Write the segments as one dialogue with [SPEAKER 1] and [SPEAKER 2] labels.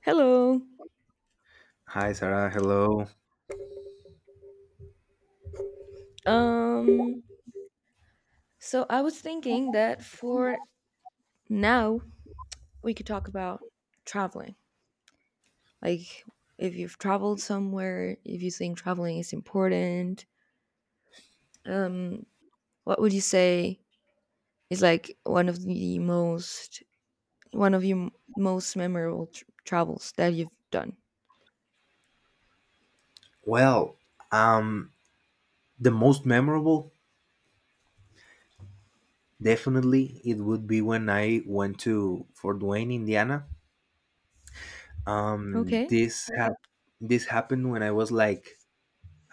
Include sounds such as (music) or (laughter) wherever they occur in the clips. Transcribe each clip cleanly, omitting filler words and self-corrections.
[SPEAKER 1] Hello.
[SPEAKER 2] Hi, Sarah. Hello.
[SPEAKER 1] Um, so I was thinking that for now we could talk about traveling. Like if you've traveled somewhere, if you think traveling is important, um, what would you say is like one of your most memorable travels that you've done?
[SPEAKER 2] Well, um, the most memorable, definitely, it would be when I went to Fort Wayne, Indiana. Um,
[SPEAKER 1] Okay.
[SPEAKER 2] this hap- this happened when I was like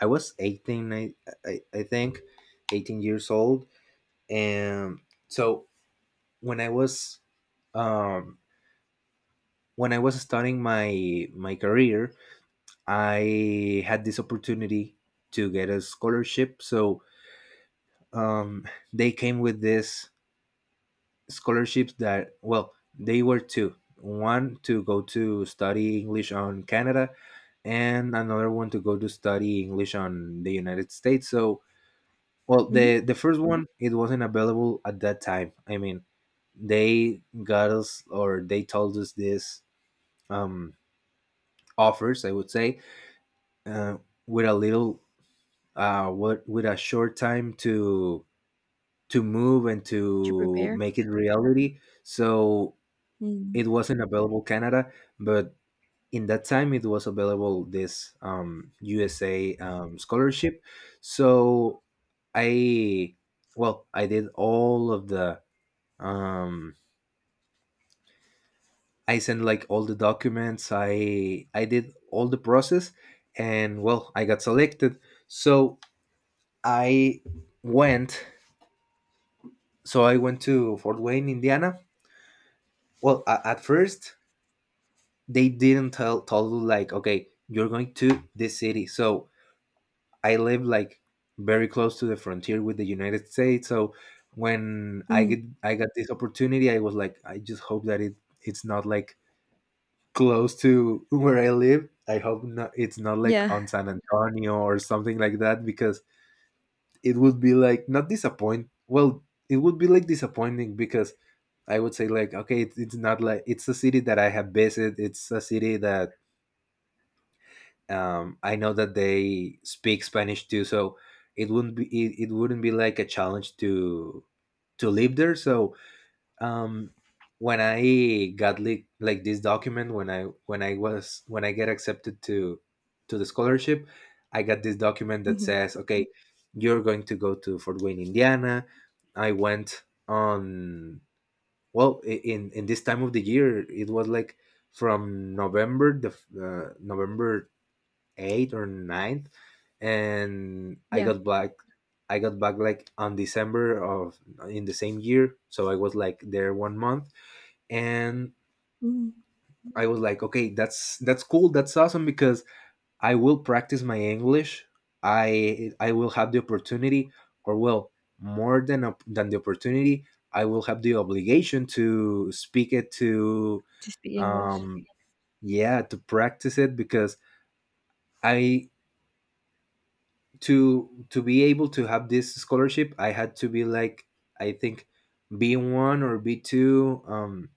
[SPEAKER 2] I was 18, I think, 18 years old, and so when I was um when I was starting my career, I had this opportunity to get a scholarship. So, um, they came with this scholarships that, well, they were two, one to go to study English on Canada, and another one to go to study English on the United States. So, well, the
[SPEAKER 1] Mhm.
[SPEAKER 2] the first one, it wasn't available at that time. I mean, they got us, or they told us this, um offers, I would say, uh, with a little, what with a short time to move and
[SPEAKER 1] To
[SPEAKER 2] to
[SPEAKER 1] prepare.
[SPEAKER 2] make it reality. So
[SPEAKER 1] Mm.
[SPEAKER 2] it wasn't available Canada, but in that time it was available this, USA, scholarship. So, I well, I did all of the um, I sent like all the documents. I did all the process, and, well, I got selected. So I went. I went to Fort Wayne, Indiana. Well, at first they didn't tell you, like, okay, you're going to this city. So I live like very close to the frontier with the United States. So when
[SPEAKER 1] Mhm.
[SPEAKER 2] I got this opportunity, I was like, I just hope that it's not like close to where I live. I hope not, it's not like on
[SPEAKER 1] Yeah.
[SPEAKER 2] San Antonio or something like that, because it would be like not disappoint. Well, it would be like disappointing, because I would say, like, okay, it's not like, it's a city that I have visited. It's a city that, I know that they speak Spanish too, so it wouldn't be, it wouldn't be like a challenge to live there. So, um, when I got like, this document, when I was when I get accepted to the scholarship, I got this document that
[SPEAKER 1] Mhm.
[SPEAKER 2] says, okay, you're going to go to Fort Wayne, Indiana. I went on, well, in this time of the year it was like from November November 8th or ninth, and
[SPEAKER 1] Yeah.
[SPEAKER 2] I got back like on December of in the same year, so I was like there one month, and
[SPEAKER 1] Mhm.
[SPEAKER 2] I was like, okay, that's cool, that's awesome, because I will practice my English. I will have the opportunity, or, well, more than the opportunity, I will have the obligation to speak it to,
[SPEAKER 1] To speak English.
[SPEAKER 2] um, yeah, to practice it, because I to be able to have this scholarship I had to be like, I think, B1 or B2,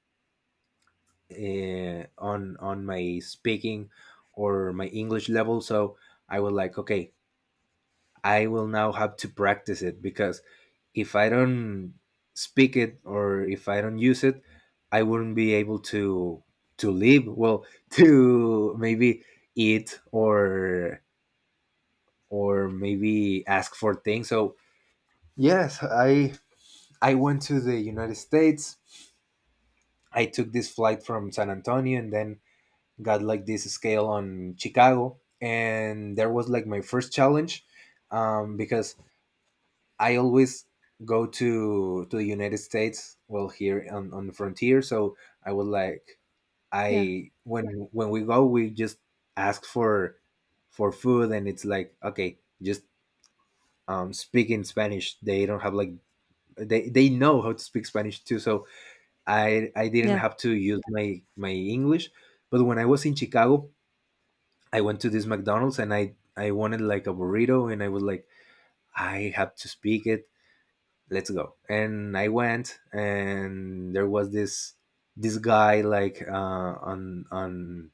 [SPEAKER 2] on my speaking or my English level. So I was like, okay, I will now have to practice it, because if I don't speak it, or if I don't use it, I wouldn't be able to live, well, (laughs) to maybe eat, or maybe ask for things. So, yes, I went to the United States. I took this flight from San Antonio and then got like this scale on Chicago. And there was like my first challenge, because I always go to the United States. Well, here on the frontier. So I was like,
[SPEAKER 1] Yeah.
[SPEAKER 2] I when we go, we just ask for food, and it's like, okay, just, speak in Spanish. They don't have like, they know how to speak Spanish too. So I didn't
[SPEAKER 1] Yeah.
[SPEAKER 2] have to use my English. But when I was in Chicago, I went to this McDonald's, and I wanted like a burrito, and I was like, I have to speak it. Let's go. And I went, and there was this guy like, on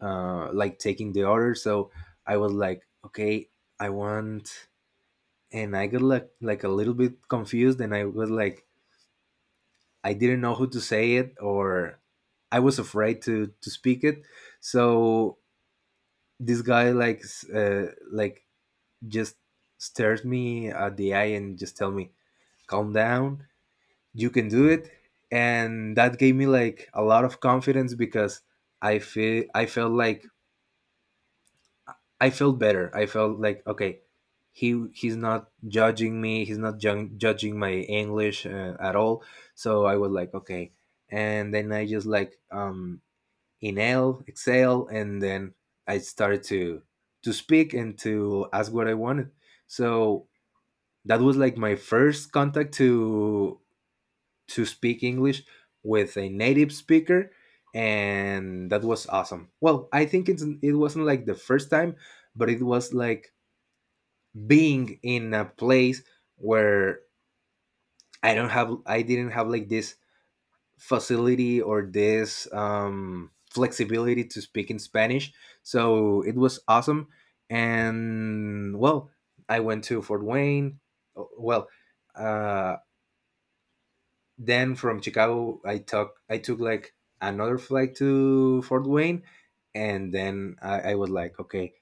[SPEAKER 2] like taking the order. So I was like, okay, I want, and I got like, a little bit confused, and I was like, I didn't know who to say it, or I was afraid to speak it. So this guy, like, like just stared me at the eye and just tell me, "Calm down, you can do it." And that gave me like a lot of confidence, because I felt like I felt better. I felt like, okay, he's not judging me. He's not judging my English, at all. So I was like, okay. And then I just, like, inhale, exhale, and then I started to speak and to ask what I wanted. So that was like my first contact to speak English with a native speaker, and that was awesome. Well, I think it wasn't like the first time, but it was like being in a place where I don't have, I didn't have like this facility or this, flexibility to speak in Spanish. So it was awesome. And, well, I went to Fort Wayne. Oh, well, uh, then from Chicago, I took like another flight to Fort Wayne, and then I was like, okay,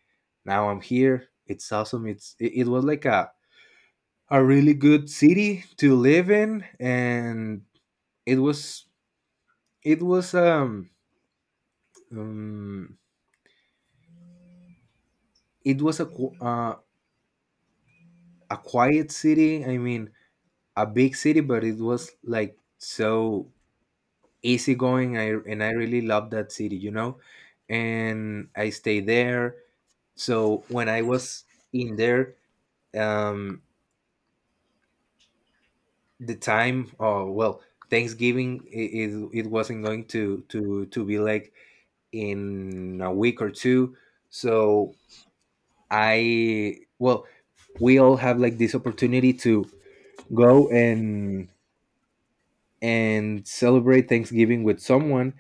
[SPEAKER 2] now I'm here. It's awesome. It was like a really good city to live in, and it was it was um Um, it was a quiet city. I mean, a big city, but it was like so easygoing. I really loved that city. And I stayed there. So when I was in there, um, the time, oh, well, Thanksgiving, it wasn't going to be like in a week or two. So, I well, we all have like this opportunity to go and celebrate Thanksgiving with someone,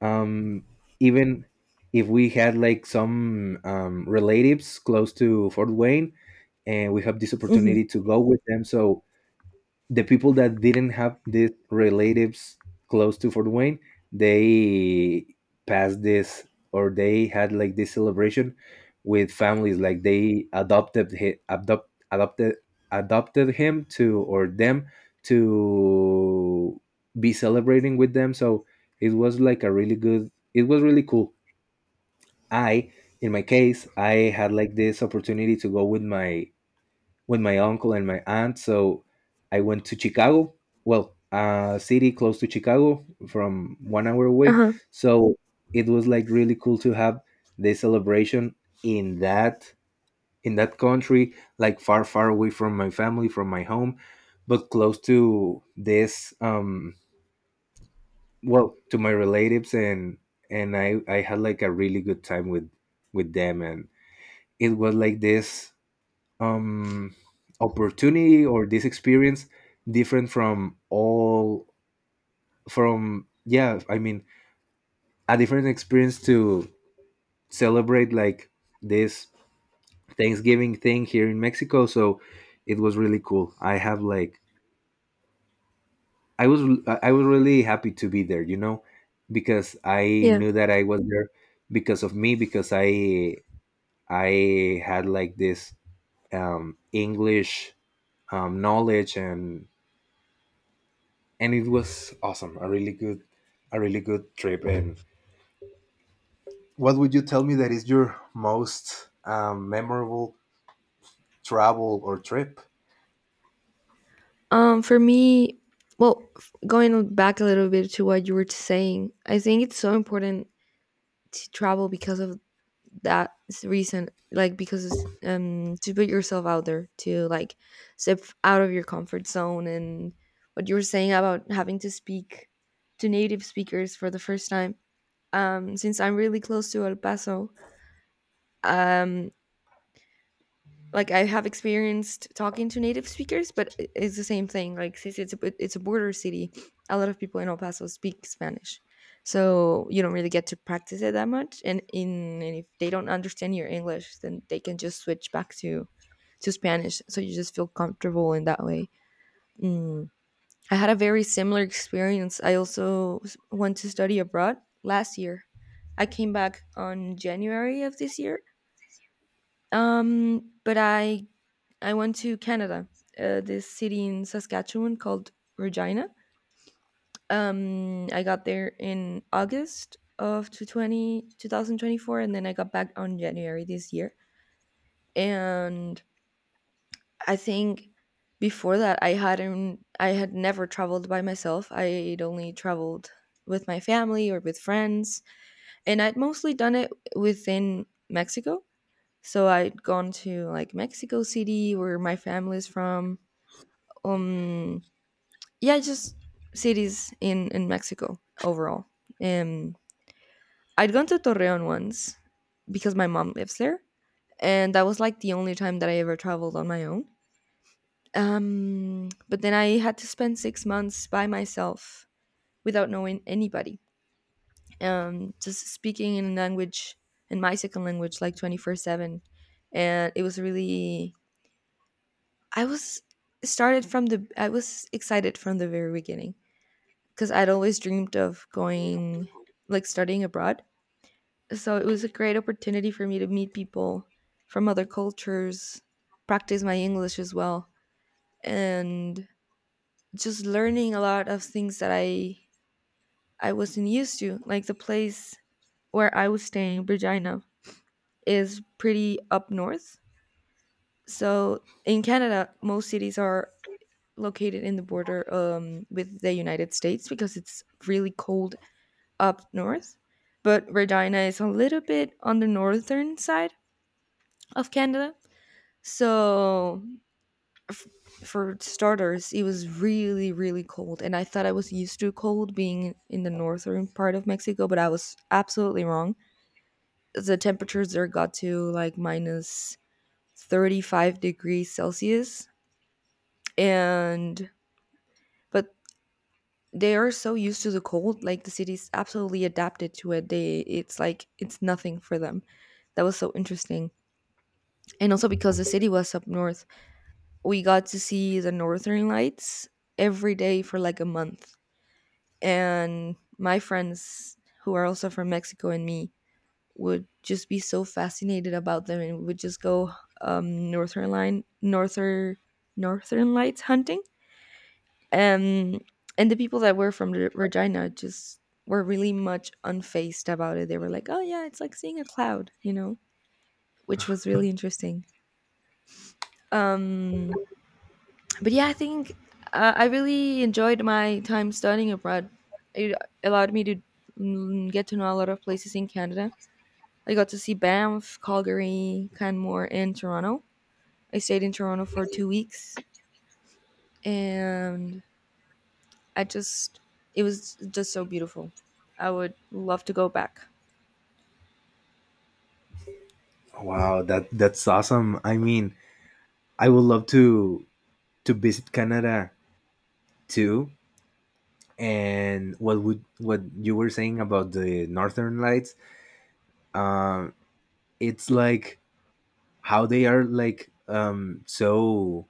[SPEAKER 2] um, even if we had like some, relatives close to Fort Wayne, and we have this
[SPEAKER 1] Mhm.
[SPEAKER 2] opportunity to go with them. So the people that didn't have these relatives close to Fort Wayne, they passed this, or they had like this celebration with families. Like they adopted hi- adopt adopted adopted him to or them to be celebrating with them. So it was like a really good. It was really cool. I, in my case, I had like this opportunity to go with my uncle and my aunt. So I went to Chicago. Well, a city close to Chicago from one hour away.
[SPEAKER 1] Uh-huh.
[SPEAKER 2] So it was like really cool to have this celebration in that in that country, like far, far away from my family, from my home, but close to this, well, to my relatives, and I had like a really good time with them. And it was like this, um, opportunity, or this experience different from all from yeah, I mean, a different experience to celebrate like this Thanksgiving thing here in Mexico. So it was really cool. I have like i was I was really happy to be there, because I
[SPEAKER 1] Yeah.
[SPEAKER 2] knew that I was there because of me, because I had like this, English, knowledge, and it was awesome. A really good trip. And what would you tell me that is your most, memorable travel or trip?
[SPEAKER 1] For me, well, going back a little bit to what you were saying, I think it's so important to travel because of that reason, like because it's, to put yourself out there, to like step out of your comfort zone, and what you were saying about having to speak to native speakers for the first time. Since I'm really close to El Paso, um, like I have experienced talking to native speakers, but it's the same thing. Like since it's it's a border city, a lot of people in El Paso speak Spanish, so you don't really get to practice it that much. And if they don't understand your English, then they can just switch back to Spanish, so you just feel comfortable in that way. Mm. I had a very similar experience. I also went to study abroad last year. I came back on January of this year, but I went to Canada, this city in Saskatchewan called Regina. I got there in August of 2020, and then I got back on January this year. And I think before that, I had never traveled by myself. I'd only traveled with my family or with friends, and I'd mostly done it within Mexico. So I'd gone to like Mexico City, where my family's from. Um, yeah, just cities in Mexico overall. Um, I'd gone to Torreon once because my mom lives there, and that was like the only time that I ever traveled on my own. But then I had to spend 6 months by myself without knowing anybody, just speaking in my second language like 24/7, and it was really I was started from the I was excited from the very beginning because I'd always dreamed of going, like studying abroad. So it was a great opportunity for me to meet people from other cultures, practice my English as well, and just learning a lot of things that I wasn't used to. Like the place where I was staying, Regina, is pretty up north. So in Canada, most cities are located in the border with the United States because it's really cold up north, but Regina is a little bit on the northern side of Canada. So, f- for starters, it was really, really cold. And I thought I was used to cold being in the northern part of Mexico, but I was absolutely wrong. The temperatures there got to like minus 35 degrees Celsius. And, but they are so used to the cold, like the city's absolutely adapted to it. It's like, it's nothing for them. That was so interesting. And also because the city was up north, we got to see the northern lights every day for like a month. And my friends who are also from Mexico and me would just be so fascinated about them and would just go northern line northern northern lights hunting, um, and the people that were from Regina just were really much unfazed about it. They were like, oh yeah, it's like seeing a cloud, you know, which was really interesting. um but yeah, I think, I really enjoyed my time studying abroad. It allowed me to, mm, get to know a lot of places in Canada. I got to see Banff, Calgary, Canmore, and Toronto. I stayed in Toronto for 2 weeks, and I just, it was just so beautiful. I would love to go back.
[SPEAKER 2] Wow, that's awesome. I mean, I would love to visit Canada too. And what you were saying about the Northern Lights? Um, it's like how they are like, so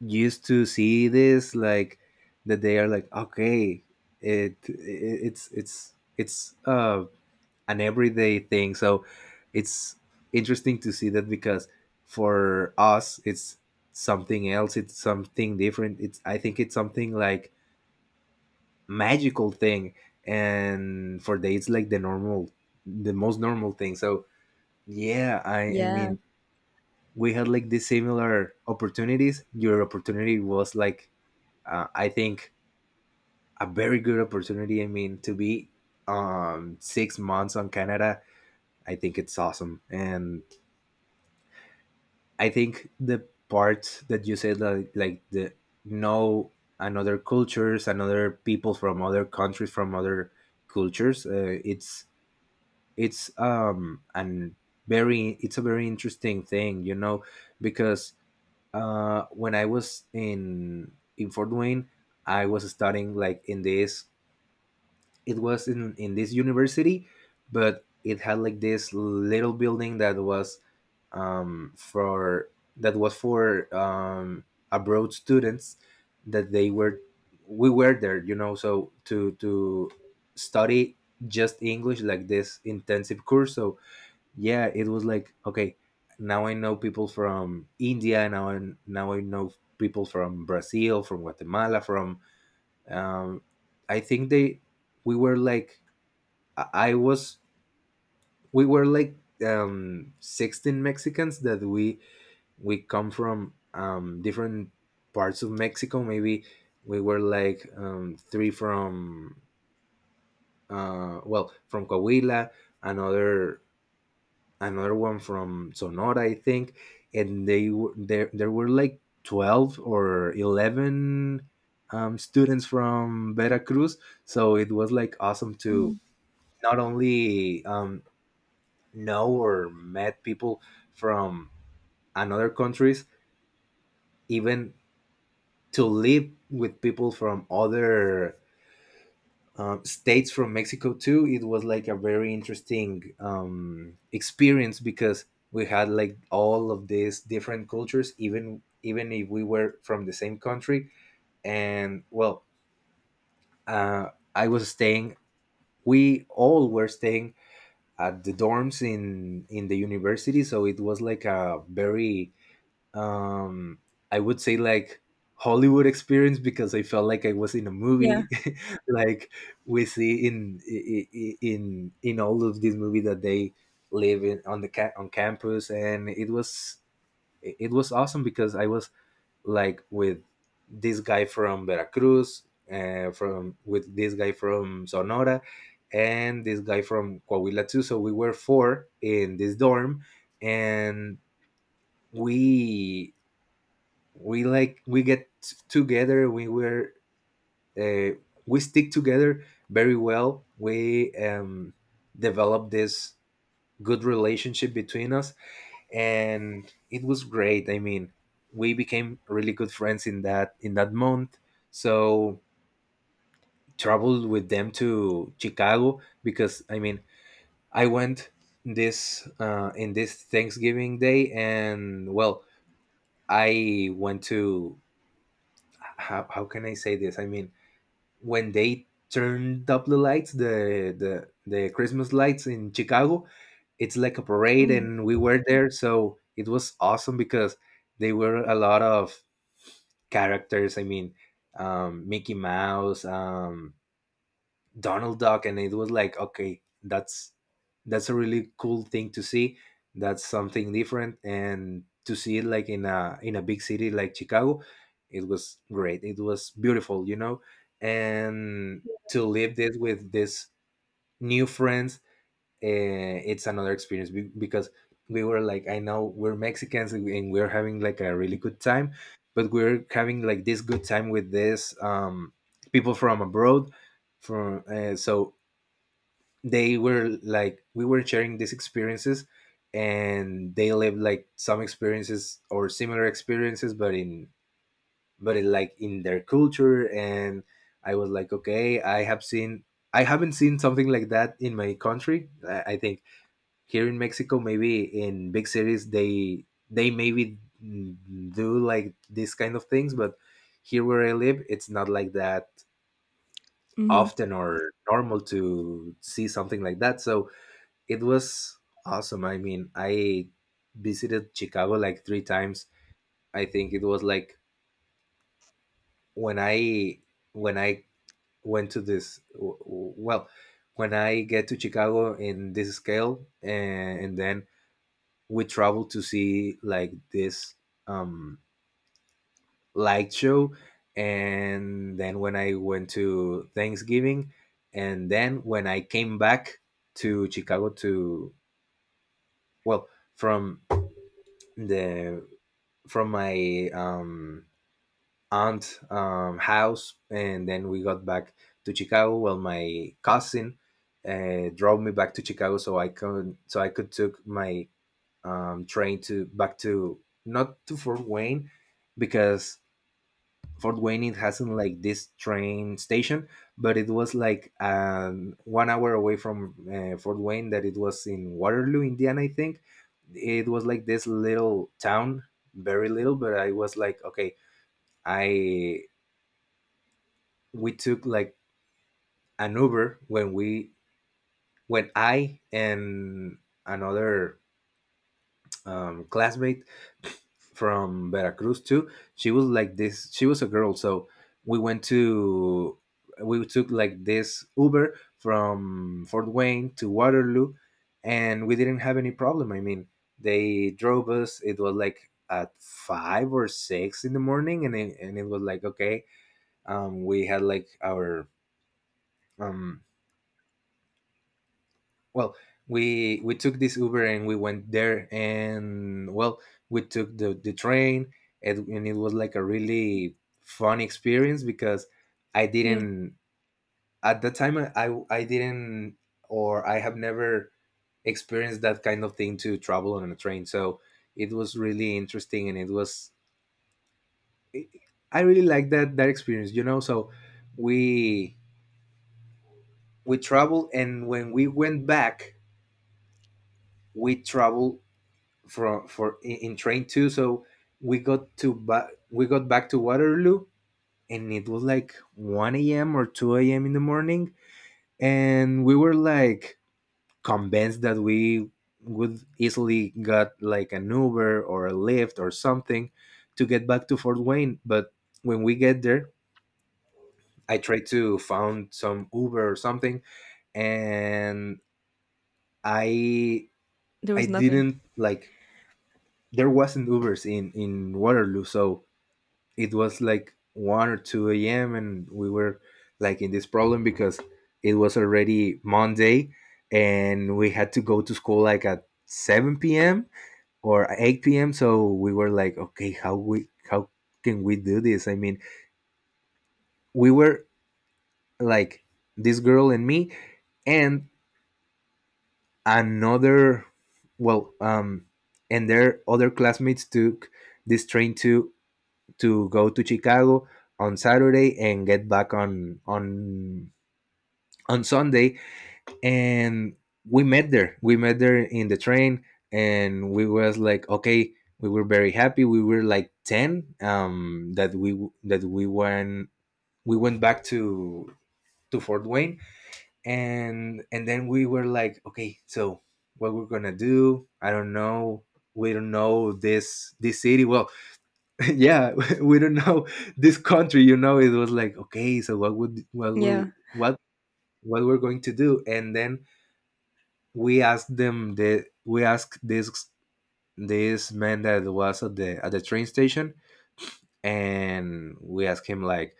[SPEAKER 2] used to see this like that they are like, okay, it it's an everyday thing. So it's interesting to see that, because for us, it's something else, it's something different, it's I think it's something like magical thing. And for they, it's like the most normal thing. So, yeah, I
[SPEAKER 1] Yeah.
[SPEAKER 2] mean, we had like the similar opportunities. Your opportunity was like, I think, a very good opportunity. I mean, to be, 6 months on Canada, I think it's awesome. And I think the part that you said like the know another cultures, another people from other countries, from other cultures, it's um and it's a very interesting thing, you know, because when I was in Fort Wayne. I was studying like in this, it was in this university, but it had like this little building that was for, that was for abroad students that they were, we were there, you know, so to study just English like this intensive course. So yeah, it was like okay, now I know people from India, now I, now I know people from Brazil, from Guatemala, from um I think they, we were like, I was, we were like 16 Mexicans that we come from different parts of Mexico. Maybe we were like three from well, from Coahuila, another, another one from Sonora, I think, and they were there, there were like 12 or 11 students from Veracruz. So it was like awesome to
[SPEAKER 1] Mm.
[SPEAKER 2] not only know or met people from another countries, even to live with people from other states from Mexico too. It was like a very interesting experience because we had like all of these different cultures, even if we were from the same country. And well, I was staying. We all were staying at the dorms in the university, so it was like a very um I would say like Hollywood experience, because I felt like I was in a
[SPEAKER 1] Yeah.
[SPEAKER 2] movie (laughs) like we see in in all of these movies, that they live in on the on campus. And it was, it was awesome because I was like with this guy from Veracruz, from with this guy from Sonora, and this guy from Coahuila too, so we were four in this dorm. And we, we get together, we were, uh, we stick together very well. We developed this good relationship between us, and it was great. I mean, we became really good friends in that, in that month. So, traveled with them to Chicago, because I mean, I went this, in this Thanksgiving day. And well, I went to, how can I say this, I mean, when they turned up the lights, the Christmas lights in Chicago, it's like a parade,
[SPEAKER 1] Mm.
[SPEAKER 2] and we were there. So it was awesome because they were a lot of characters. I mean, Mickey Mouse, Donald Duck, and it was like, okay, that's a really cool thing to see. That's something different, and to see it like in a, in a big city like Chicago, it was great. It was beautiful, you know, and to live this with these new friends, it's another experience, because we were like, I know we're Mexicans and we're having like a really good time, but we're having like this good time with this people from abroad, from so they were like, we were sharing these experiences, and they lived like some experiences or similar experiences, but in, but in, like in their culture. And I was like, okay, I have seen, I haven't seen something like that in my country. I think here in Mexico, maybe in big cities, they maybe do like these kind of things, but here where I live it's not like that
[SPEAKER 1] Hmm.
[SPEAKER 2] often or normal to see something like that. So it was awesome. I mean, I visited Chicago like three times. I think it was like when I, when I went to this well, when I get to Chicago in this scale, and then we travel to see like this um light show, and then when I went to Thanksgiving, and then when I came back to Chicago to, well, from, the, from my aunt house, and then we got back to Chicago. Well, my cousin drove me back to Chicago, so I could, so I could took my train to back to, not to Fort Wayne, because Fort Wayne, it hasn't like this train station. But it was like 1 hour away from Fort Wayne, that it was in Waterloo, Indiana, I think. It was like this little town, very little, but I was like, okay, I, we took like an Uber when we, when I and another classmate from Veracruz too. She was like this, she was a girl. So we went to, we took like this Uber from Fort Wayne to Waterloo, and we didn't have any problem. I mean, they drove us. It was like at 5 or 6 in the morning, and it was like okay. We had like our um well, we took this Uber, and we went there. And well, we took the train, and it was like a really fun experience, because I
[SPEAKER 1] Yeah.
[SPEAKER 2] didn't, at the time, I I didn't, or I have never experienced that kind of thing, to travel on a train. So it was really interesting, and it was, I really like that experience, you know. So we we traveled, and when we went back, we traveled from for in train two. So we got to we got back to Waterloo, and it was like one a.m. or two a.m. in the morning, and we were like convinced that we would easily got like an Uber or a Lyft or something to get back to Fort Wayne. But when we get there, I tried to found some Uber or something, and I
[SPEAKER 1] There
[SPEAKER 2] I
[SPEAKER 1] was nothing.
[SPEAKER 2] didn't like, there wasn't Ubers in Waterloo. So it was like 1 or 2 a.m, and we were like in this problem, because it was already Monday, and we had to go to school like at 7 p.m or 8 p.m. So we were like, okay, how we, how can we do this? I mean, we were like this girl and me, and another, well, and their other classmates took this train to go to Chicago on Saturday and get back on on Sunday. And we met there. We met there in the train, and we was like, okay, we were very happy. We were like 10 that we, that we went, we went back to Fort Wayne. And then we were like, okay, so what we're gonna do? I don't know. We don't know this, this city. Well, (laughs) yeah (laughs) we don't know this country, you know. It was like okay, so what would, what
[SPEAKER 1] Yeah.
[SPEAKER 2] will what we're going to do? And then we asked them the, we asked this, this man that was at the, at the train station, and we asked him like,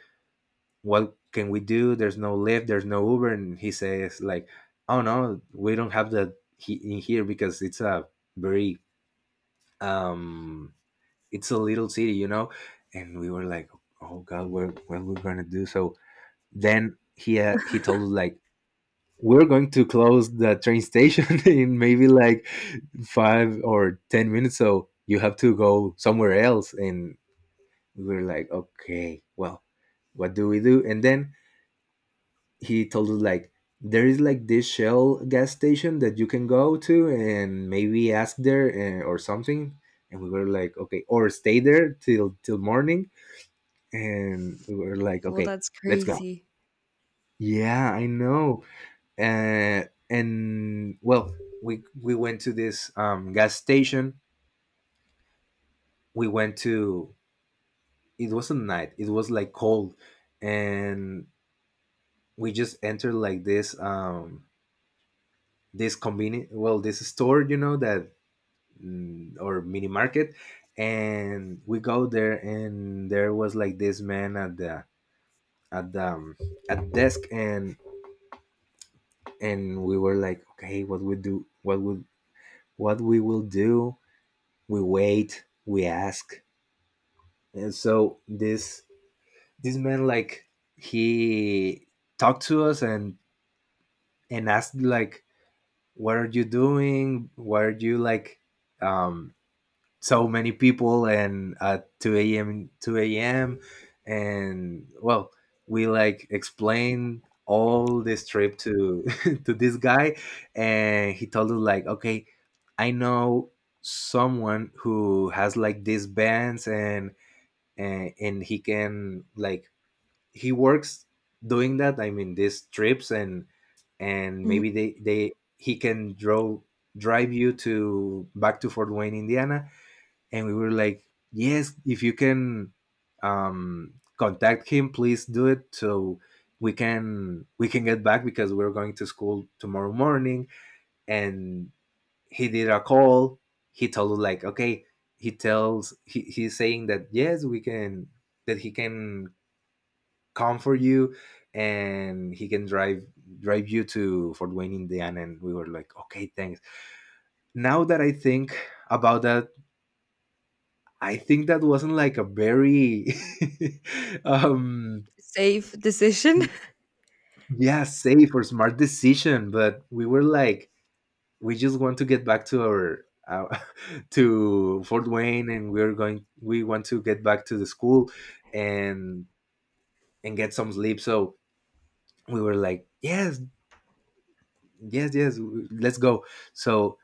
[SPEAKER 2] what can we do? There's no lift there's no Uber. And he says like, oh no, we don't have that in here because it's a very um it's a little city, you know? And we were like, oh God, what we're going to do? So then he told us like, we're going to close the train station (laughs) in maybe like five or 10 minutes. So you have to go somewhere else. And we were like, okay, well, what do we do? And then he told us like, there is like this Shell gas station that you can go to, and maybe ask there or something. And we were like, okay, or stay there till morning. And we were like,
[SPEAKER 1] Well,
[SPEAKER 2] okay,
[SPEAKER 1] that's
[SPEAKER 2] let's go.
[SPEAKER 1] crazy.
[SPEAKER 2] Yeah, I know. Uh, and well, we went to this gas station. We went to. It wasn't night. It was like cold, and we just entered like this this convenient, well, this store, you know, that or mini market. And we go there, and there was like this man at the, at the at desk. And we were like okay what we do, what would, what we will do, we wait we ask. And so this man like, he talked to us and asked like, what are you doing? What are you like um so many people and at 2 a.m, 2 a.m? And well, we like explained all this trip to (laughs) to this guy. And he told us like, okay, I know someone who has like these bands, and and he can like, he works doing that. I mean, these trips. And maybe
[SPEAKER 1] Mhm.
[SPEAKER 2] they he can draw drive you to back to Fort Wayne, Indiana. And we were like, yes, if you can um contact him, please do it so we can, we can get back, because we're going to school tomorrow morning. And he did a call. He told us like, okay, he tells, he's saying that yes we can, that he can come for you, and he can drive, drive you to Fort Wayne, Indiana. And we were like, okay, thanks. Now that I think about that, I think that wasn't like a very (laughs) um
[SPEAKER 1] Safe decision. (laughs)
[SPEAKER 2] yeah, safe or smart decision. But we were like, we just want to get back to our (laughs) to Fort Wayne, and we're going, we want to get back to the school, and and get some sleep. So we were like, "Yes, yes, yes, let's go." So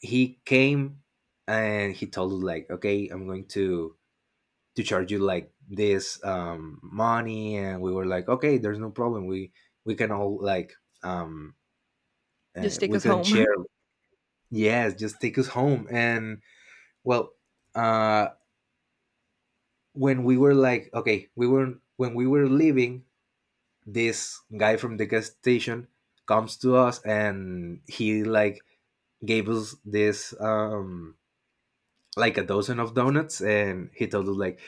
[SPEAKER 2] he came and he told us like, "Okay, I'm going to charge you like this money." And we were like, okay, there's no problem, we can all like um,
[SPEAKER 1] Just take
[SPEAKER 2] we
[SPEAKER 1] us
[SPEAKER 2] can share.
[SPEAKER 1] home.
[SPEAKER 2] Yes, just take us home. And well, uh, when we were like, okay, we were, when we were leaving, this guy from the gas station comes to us and he like gave us this like a dozen of donuts. And he told us like,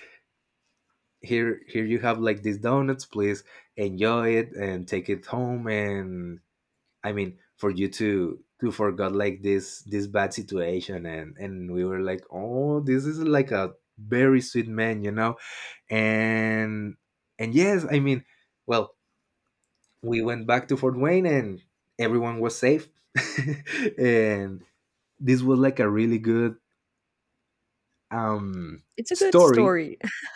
[SPEAKER 2] here, here you have like these donuts, please enjoy it and take it home. And I mean, for you to forgot like this bad situation. And we were like, oh, this is like a very sweet man. and and yes, I mean, well, we went back to Fort Wayne and everyone was safe. (laughs) And this was like a really good um
[SPEAKER 1] It's a good
[SPEAKER 2] story.
[SPEAKER 1] story. (laughs)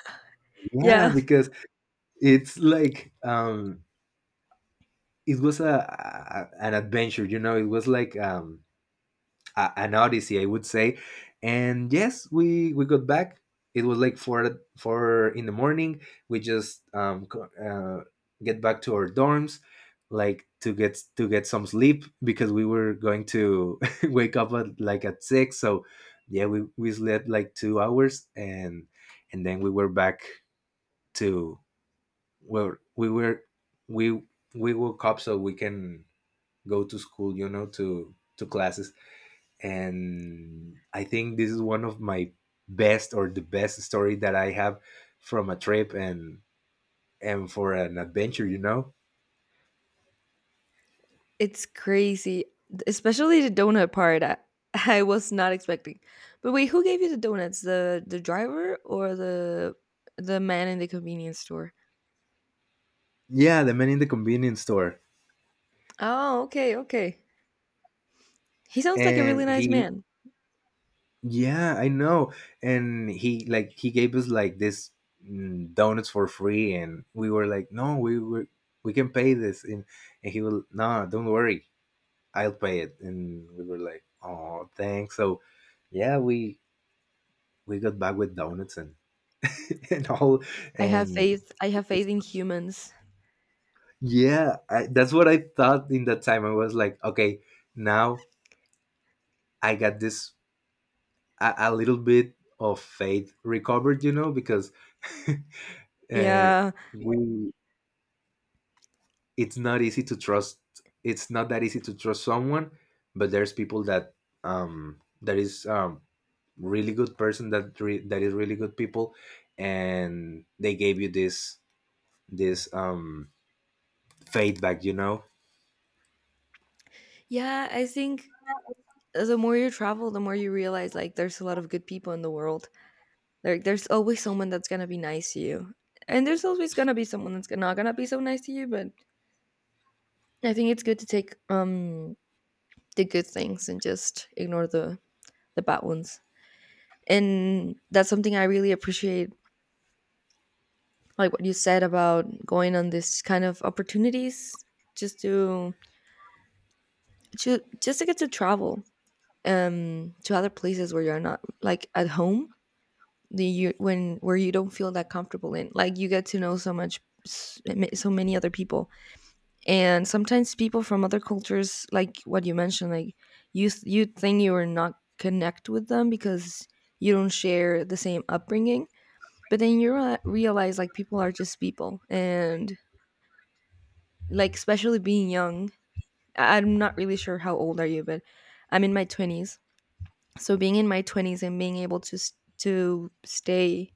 [SPEAKER 2] Yeah,
[SPEAKER 1] Yeah,
[SPEAKER 2] because it's like, it was a an adventure, you know. It was like, an odyssey I would say. And yes, we got back. It was like four in the morning. We just get back to our dorms, like to get some sleep, because we were going to (laughs) wake up at like at six. So yeah, we slept like 2 hours. And then we were back to where we were. We we woke up so we can go to school, you know, to classes. And I think this is one of my best, or the best story that I have from a trip. And for an adventure, you know.
[SPEAKER 1] it's crazy, especially the donut part. (laughs) I was not expecting. But wait, who gave you the donuts? The driver or the man in the convenience store?
[SPEAKER 2] Yeah, the man in the convenience store.
[SPEAKER 1] Oh, okay, okay. He sounds like a really
[SPEAKER 2] And
[SPEAKER 1] nice
[SPEAKER 2] he
[SPEAKER 1] man.
[SPEAKER 2] Yeah, I know. And he like, he gave us like this, donuts for free, and we were like, no, we were, we can pay this. And and he will, no, don't worry, I'll pay it. And we were like, oh, thanks. So yeah, we got back with donuts and (laughs) and all.
[SPEAKER 1] I have
[SPEAKER 2] And
[SPEAKER 1] faith. I
[SPEAKER 2] it
[SPEAKER 1] have faith in humans.
[SPEAKER 2] yeah, that's what I thought in that time. I was like, okay, now I got this, a little bit of faith recovered, you know, because (laughs) uh,
[SPEAKER 1] Yeah.
[SPEAKER 2] we, it's not easy to trust. It's not that easy to trust someone, but there's people that that is really good person, that that is really good people. And they gave you this this fade back, you know.
[SPEAKER 1] Yeah, I think the more you travel, the more you realize like there's a lot of good people in the world. There's always someone that's going to be nice to you. And there's always going to be someone that's not going to be so nice to you, but I think it's good to take the good things and just ignore the bad ones. And that's something I really appreciate, like what you said about going on this kind of opportunities just to just to get to travel to other places where you're not like at home, the you when where you don't feel that comfortable in, like, you get to know so much, so many other people, and sometimes people from other cultures, like what you mentioned. Like you think you are not connect with them because you don't share the same upbringing, but then you realize like people are just people. And like, especially being young, I'm not really sure how old are you, but I'm in my 20s, so being in my 20s and being able to to stay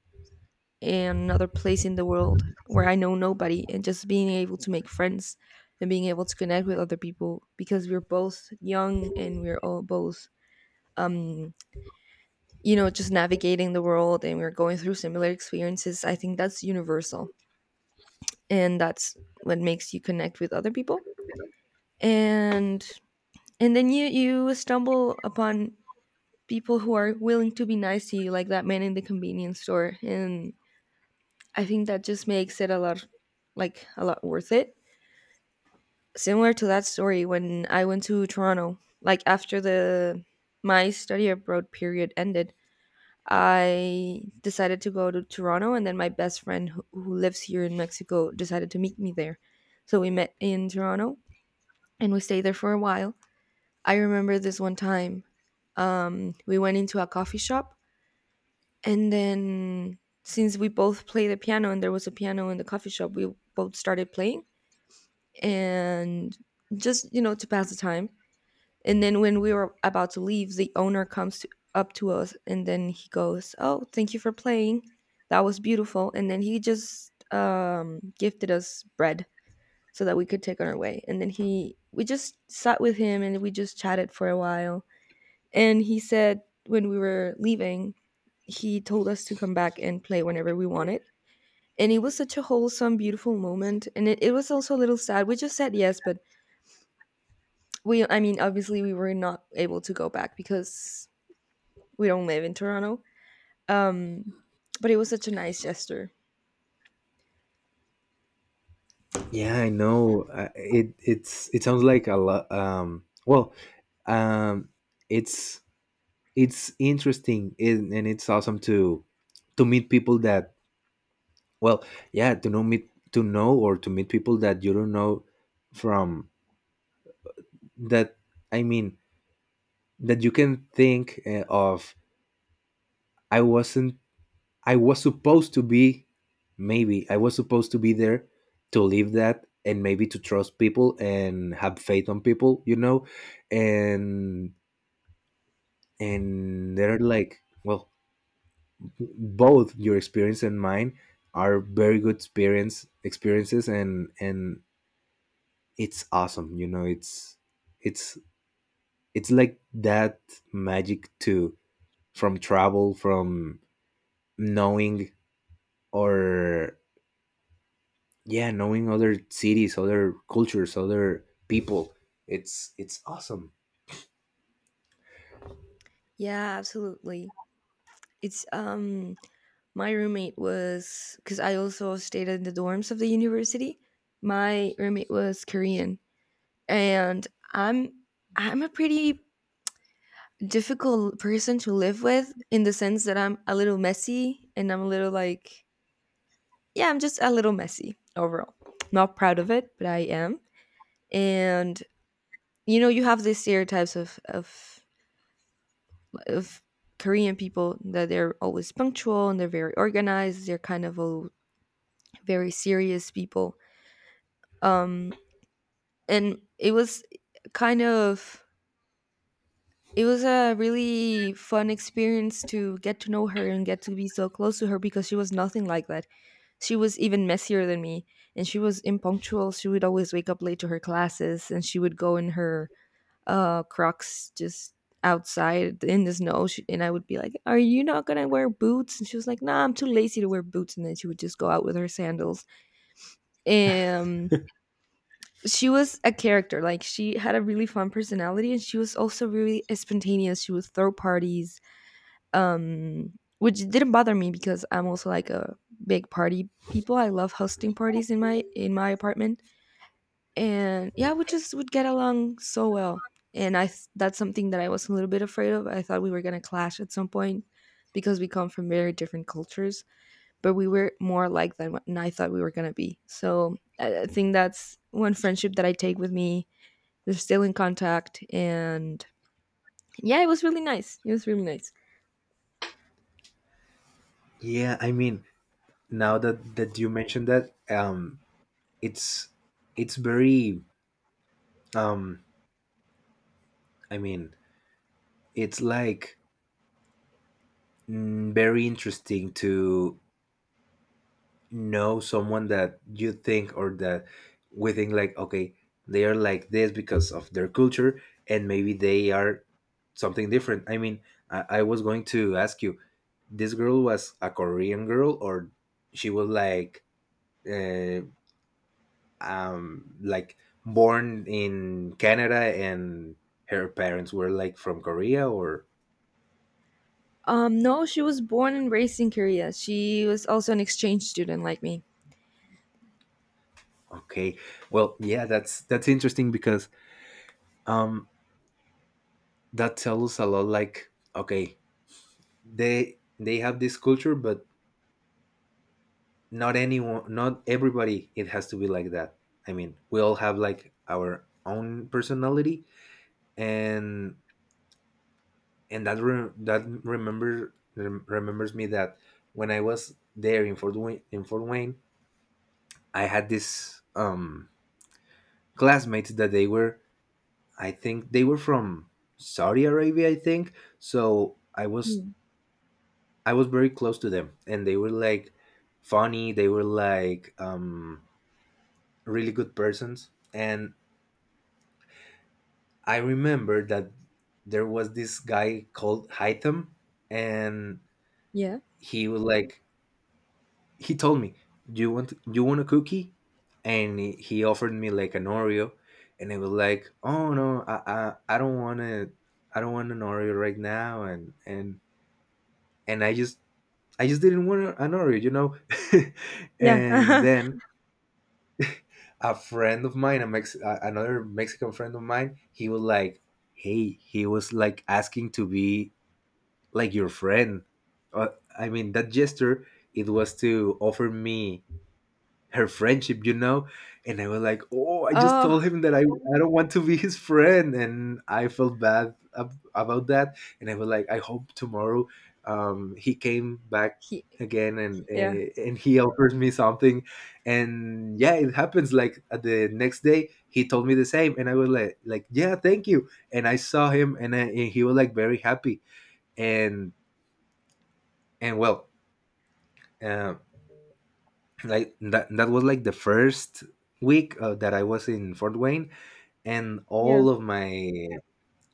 [SPEAKER 1] and another place in the world where I know nobody, and just being able to make friends and being able to connect with other people because we're both young and we're all both, um you know, just navigating the world and we're going through similar experiences, I think that's universal. And that's what makes you connect with other people. and and then you stumble upon people who are willing to be nice to you, like that man in the convenience store. And I think that just makes it a lot, like a lot worth it. Similar to that story when I went to Toronto, like after the my study abroad period ended, I decided to go to Toronto, and then my best friend who lives here in Mexico decided to meet me there. So we met in Toronto and we stayed there for a while. I remember this one time, we went into a coffee shop, and then since we both play the piano and there was a piano in the coffee shop, we both started playing, and just, you know, to pass the time. And then when we were about to leave, the owner up to us, and then he goes, "Oh, thank you for playing. That was beautiful." And then he just, gifted us bread so that we could take on our way. And then we just sat with him and we just chatted for a while. And he said when we were leaving, he told us to come back and play whenever we wanted. And it was such a wholesome, beautiful moment. And it was also a little sad. We just said yes, but I mean, obviously we were not able to go back because we don't live in Toronto. Um, but it was such a nice gesture.
[SPEAKER 2] Yeah, I know. It, it's, it sounds like a lot. Well, um it's it's interesting. And it's awesome to meet people that, well, yeah, to know, or to meet people that you don't know, from, that, I mean, that you can think of. I wasn't I was supposed to be, maybe, I was supposed to be there to live that, and maybe to trust people and have faith on people, you know? And, and they're like, well, both your experience and mine are very good experiences. And and it's awesome, you know. It's it's like that magic too, from travel, from knowing, or yeah, knowing other cities, other cultures, other people. It's awesome.
[SPEAKER 1] Yeah, absolutely. It's my roommate was, because I also stayed in the dorms of the university. My roommate was Korean, and I'm a pretty difficult person to live with in the sense that I'm a little messy and I'm a little like, yeah, I'm just a little messy overall. Not proud of it, but I am. And you know, you have these stereotypes of of Korean people that they're always punctual and they're very organized. They're kind of a very serious people. Um, and it was kind of, it was a really fun experience to get to know her and get to be so close to her, because she was nothing like that. She was even messier than me and she was impunctual. She would always wake up late to her classes and she would go in her Crocs just outside in the snow. And I would be like, "Are you not going to wear boots?" And she was like, "Nah, I'm too lazy to wear boots." And then she would just go out with her sandals. And she was a character. Like she had a really fun personality and she was also really spontaneous. She would throw parties. Um which didn't bother me because I'm also like a big party people. I love hosting parties in my apartment. And yeah, we just would get along so well. And that's something that I was a little bit afraid of. I thought we were going to clash at some point because we come from very different cultures, but we were more alike than what I thought we were going to be. So I think that's one friendship that I take with me. We're still in contact. And yeah, it was really nice, it was really nice.
[SPEAKER 2] Yeah, I mean, now that you mentioned that, it's it's very, um I mean, it's like, very interesting to know someone that you think, or that we think like, okay, they are like this because of their culture, and maybe they are something different. I mean, I was going to ask you, this girl was a Korean girl, or she was uh, like born in Canada and her parents were like from Korea, or?
[SPEAKER 1] Um, no, she was born and raised in Korea. She was also an exchange student like me.
[SPEAKER 2] Okay, well, yeah, that's interesting, because um that tells us a lot. Like, okay, they have this culture, but not anyone, not everybody, it has to be like that. I mean, we all have like our own personality. and and that remembers me that when I was there in Fort Wayne, in Fort Wayne, I had this classmates that they were, I think they were from Saudi Arabia, I think. so i was
[SPEAKER 1] Mm.
[SPEAKER 2] I was very close to them, and they were like funny. They were like really good persons. And I remember that there was this guy called Haitham, and
[SPEAKER 1] Yeah.
[SPEAKER 2] he was like, he told me, "Do you want, a cookie?" And he offered me like an Oreo, and I was like, "Oh no, I don't want to, I don't want an Oreo right now," and I just didn't want an Oreo, you know. (laughs) And
[SPEAKER 1] Yeah. (laughs)
[SPEAKER 2] then a friend of mine, a another Mexican friend of mine, he was like, "Hey," he was like asking to be like your friend. Uh, I mean, that gesture, it was to offer me her friendship, you know? And I was like, oh, I just
[SPEAKER 1] Oh,
[SPEAKER 2] told him that I don't want to be his friend. And I felt bad about that. And I was like, I hope tomorrow, he came back
[SPEAKER 1] he
[SPEAKER 2] again,
[SPEAKER 1] yeah.
[SPEAKER 2] and he offers me something. And yeah, it happens. Like at the next day he told me the same, and I was like, yeah, thank you. And I saw him and, and he was like very happy. and and well, um like that, that was like the first week that I was in Fort Wayne, and
[SPEAKER 1] Yeah.
[SPEAKER 2] all of my,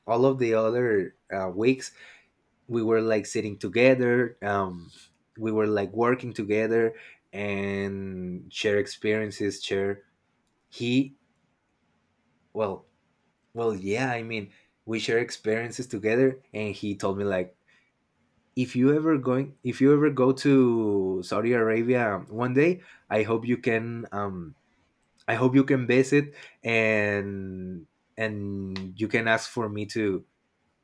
[SPEAKER 2] all of the other weeks we were like sitting together, we were like working together, and share experiences, share, he, well, well yeah, I mean, we share experiences together, and he told me like, if you ever go to Saudi Arabia one day, I hope you can, I hope you can visit. and and you can ask for me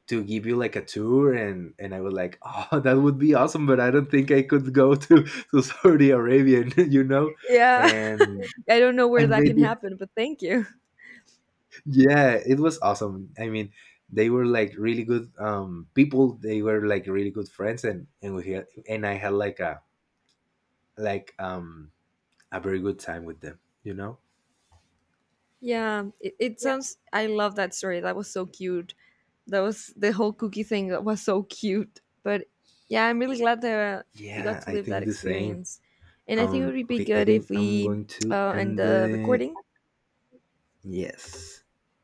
[SPEAKER 2] to give you like a tour. And I was like, (laughs) oh, that would be awesome, but I don't think I could go (laughs) to Saudi Arabia, (laughs) you know,
[SPEAKER 1] Yeah.
[SPEAKER 2] and
[SPEAKER 1] (laughs) I don't know
[SPEAKER 2] I
[SPEAKER 1] where that
[SPEAKER 2] made
[SPEAKER 1] can
[SPEAKER 2] it.
[SPEAKER 1] happen, but thank you.
[SPEAKER 2] Yeah, it was awesome. I mean, they were like really good people. They were like really good friends, and we had, and I had like a very good time with them, you know.
[SPEAKER 1] Yeah, it sounds. I love that story. That was so cute. That was the whole cookie thing. That was so cute. But yeah, I'm really glad that you got
[SPEAKER 2] Yeah,
[SPEAKER 1] to
[SPEAKER 2] I
[SPEAKER 1] live that
[SPEAKER 2] think the same.
[SPEAKER 1] experience. And I think it would be
[SPEAKER 2] Okay, I
[SPEAKER 1] good if
[SPEAKER 2] think I'm
[SPEAKER 1] we
[SPEAKER 2] going to
[SPEAKER 1] end
[SPEAKER 2] end
[SPEAKER 1] the
[SPEAKER 2] the,
[SPEAKER 1] recording
[SPEAKER 2] yes.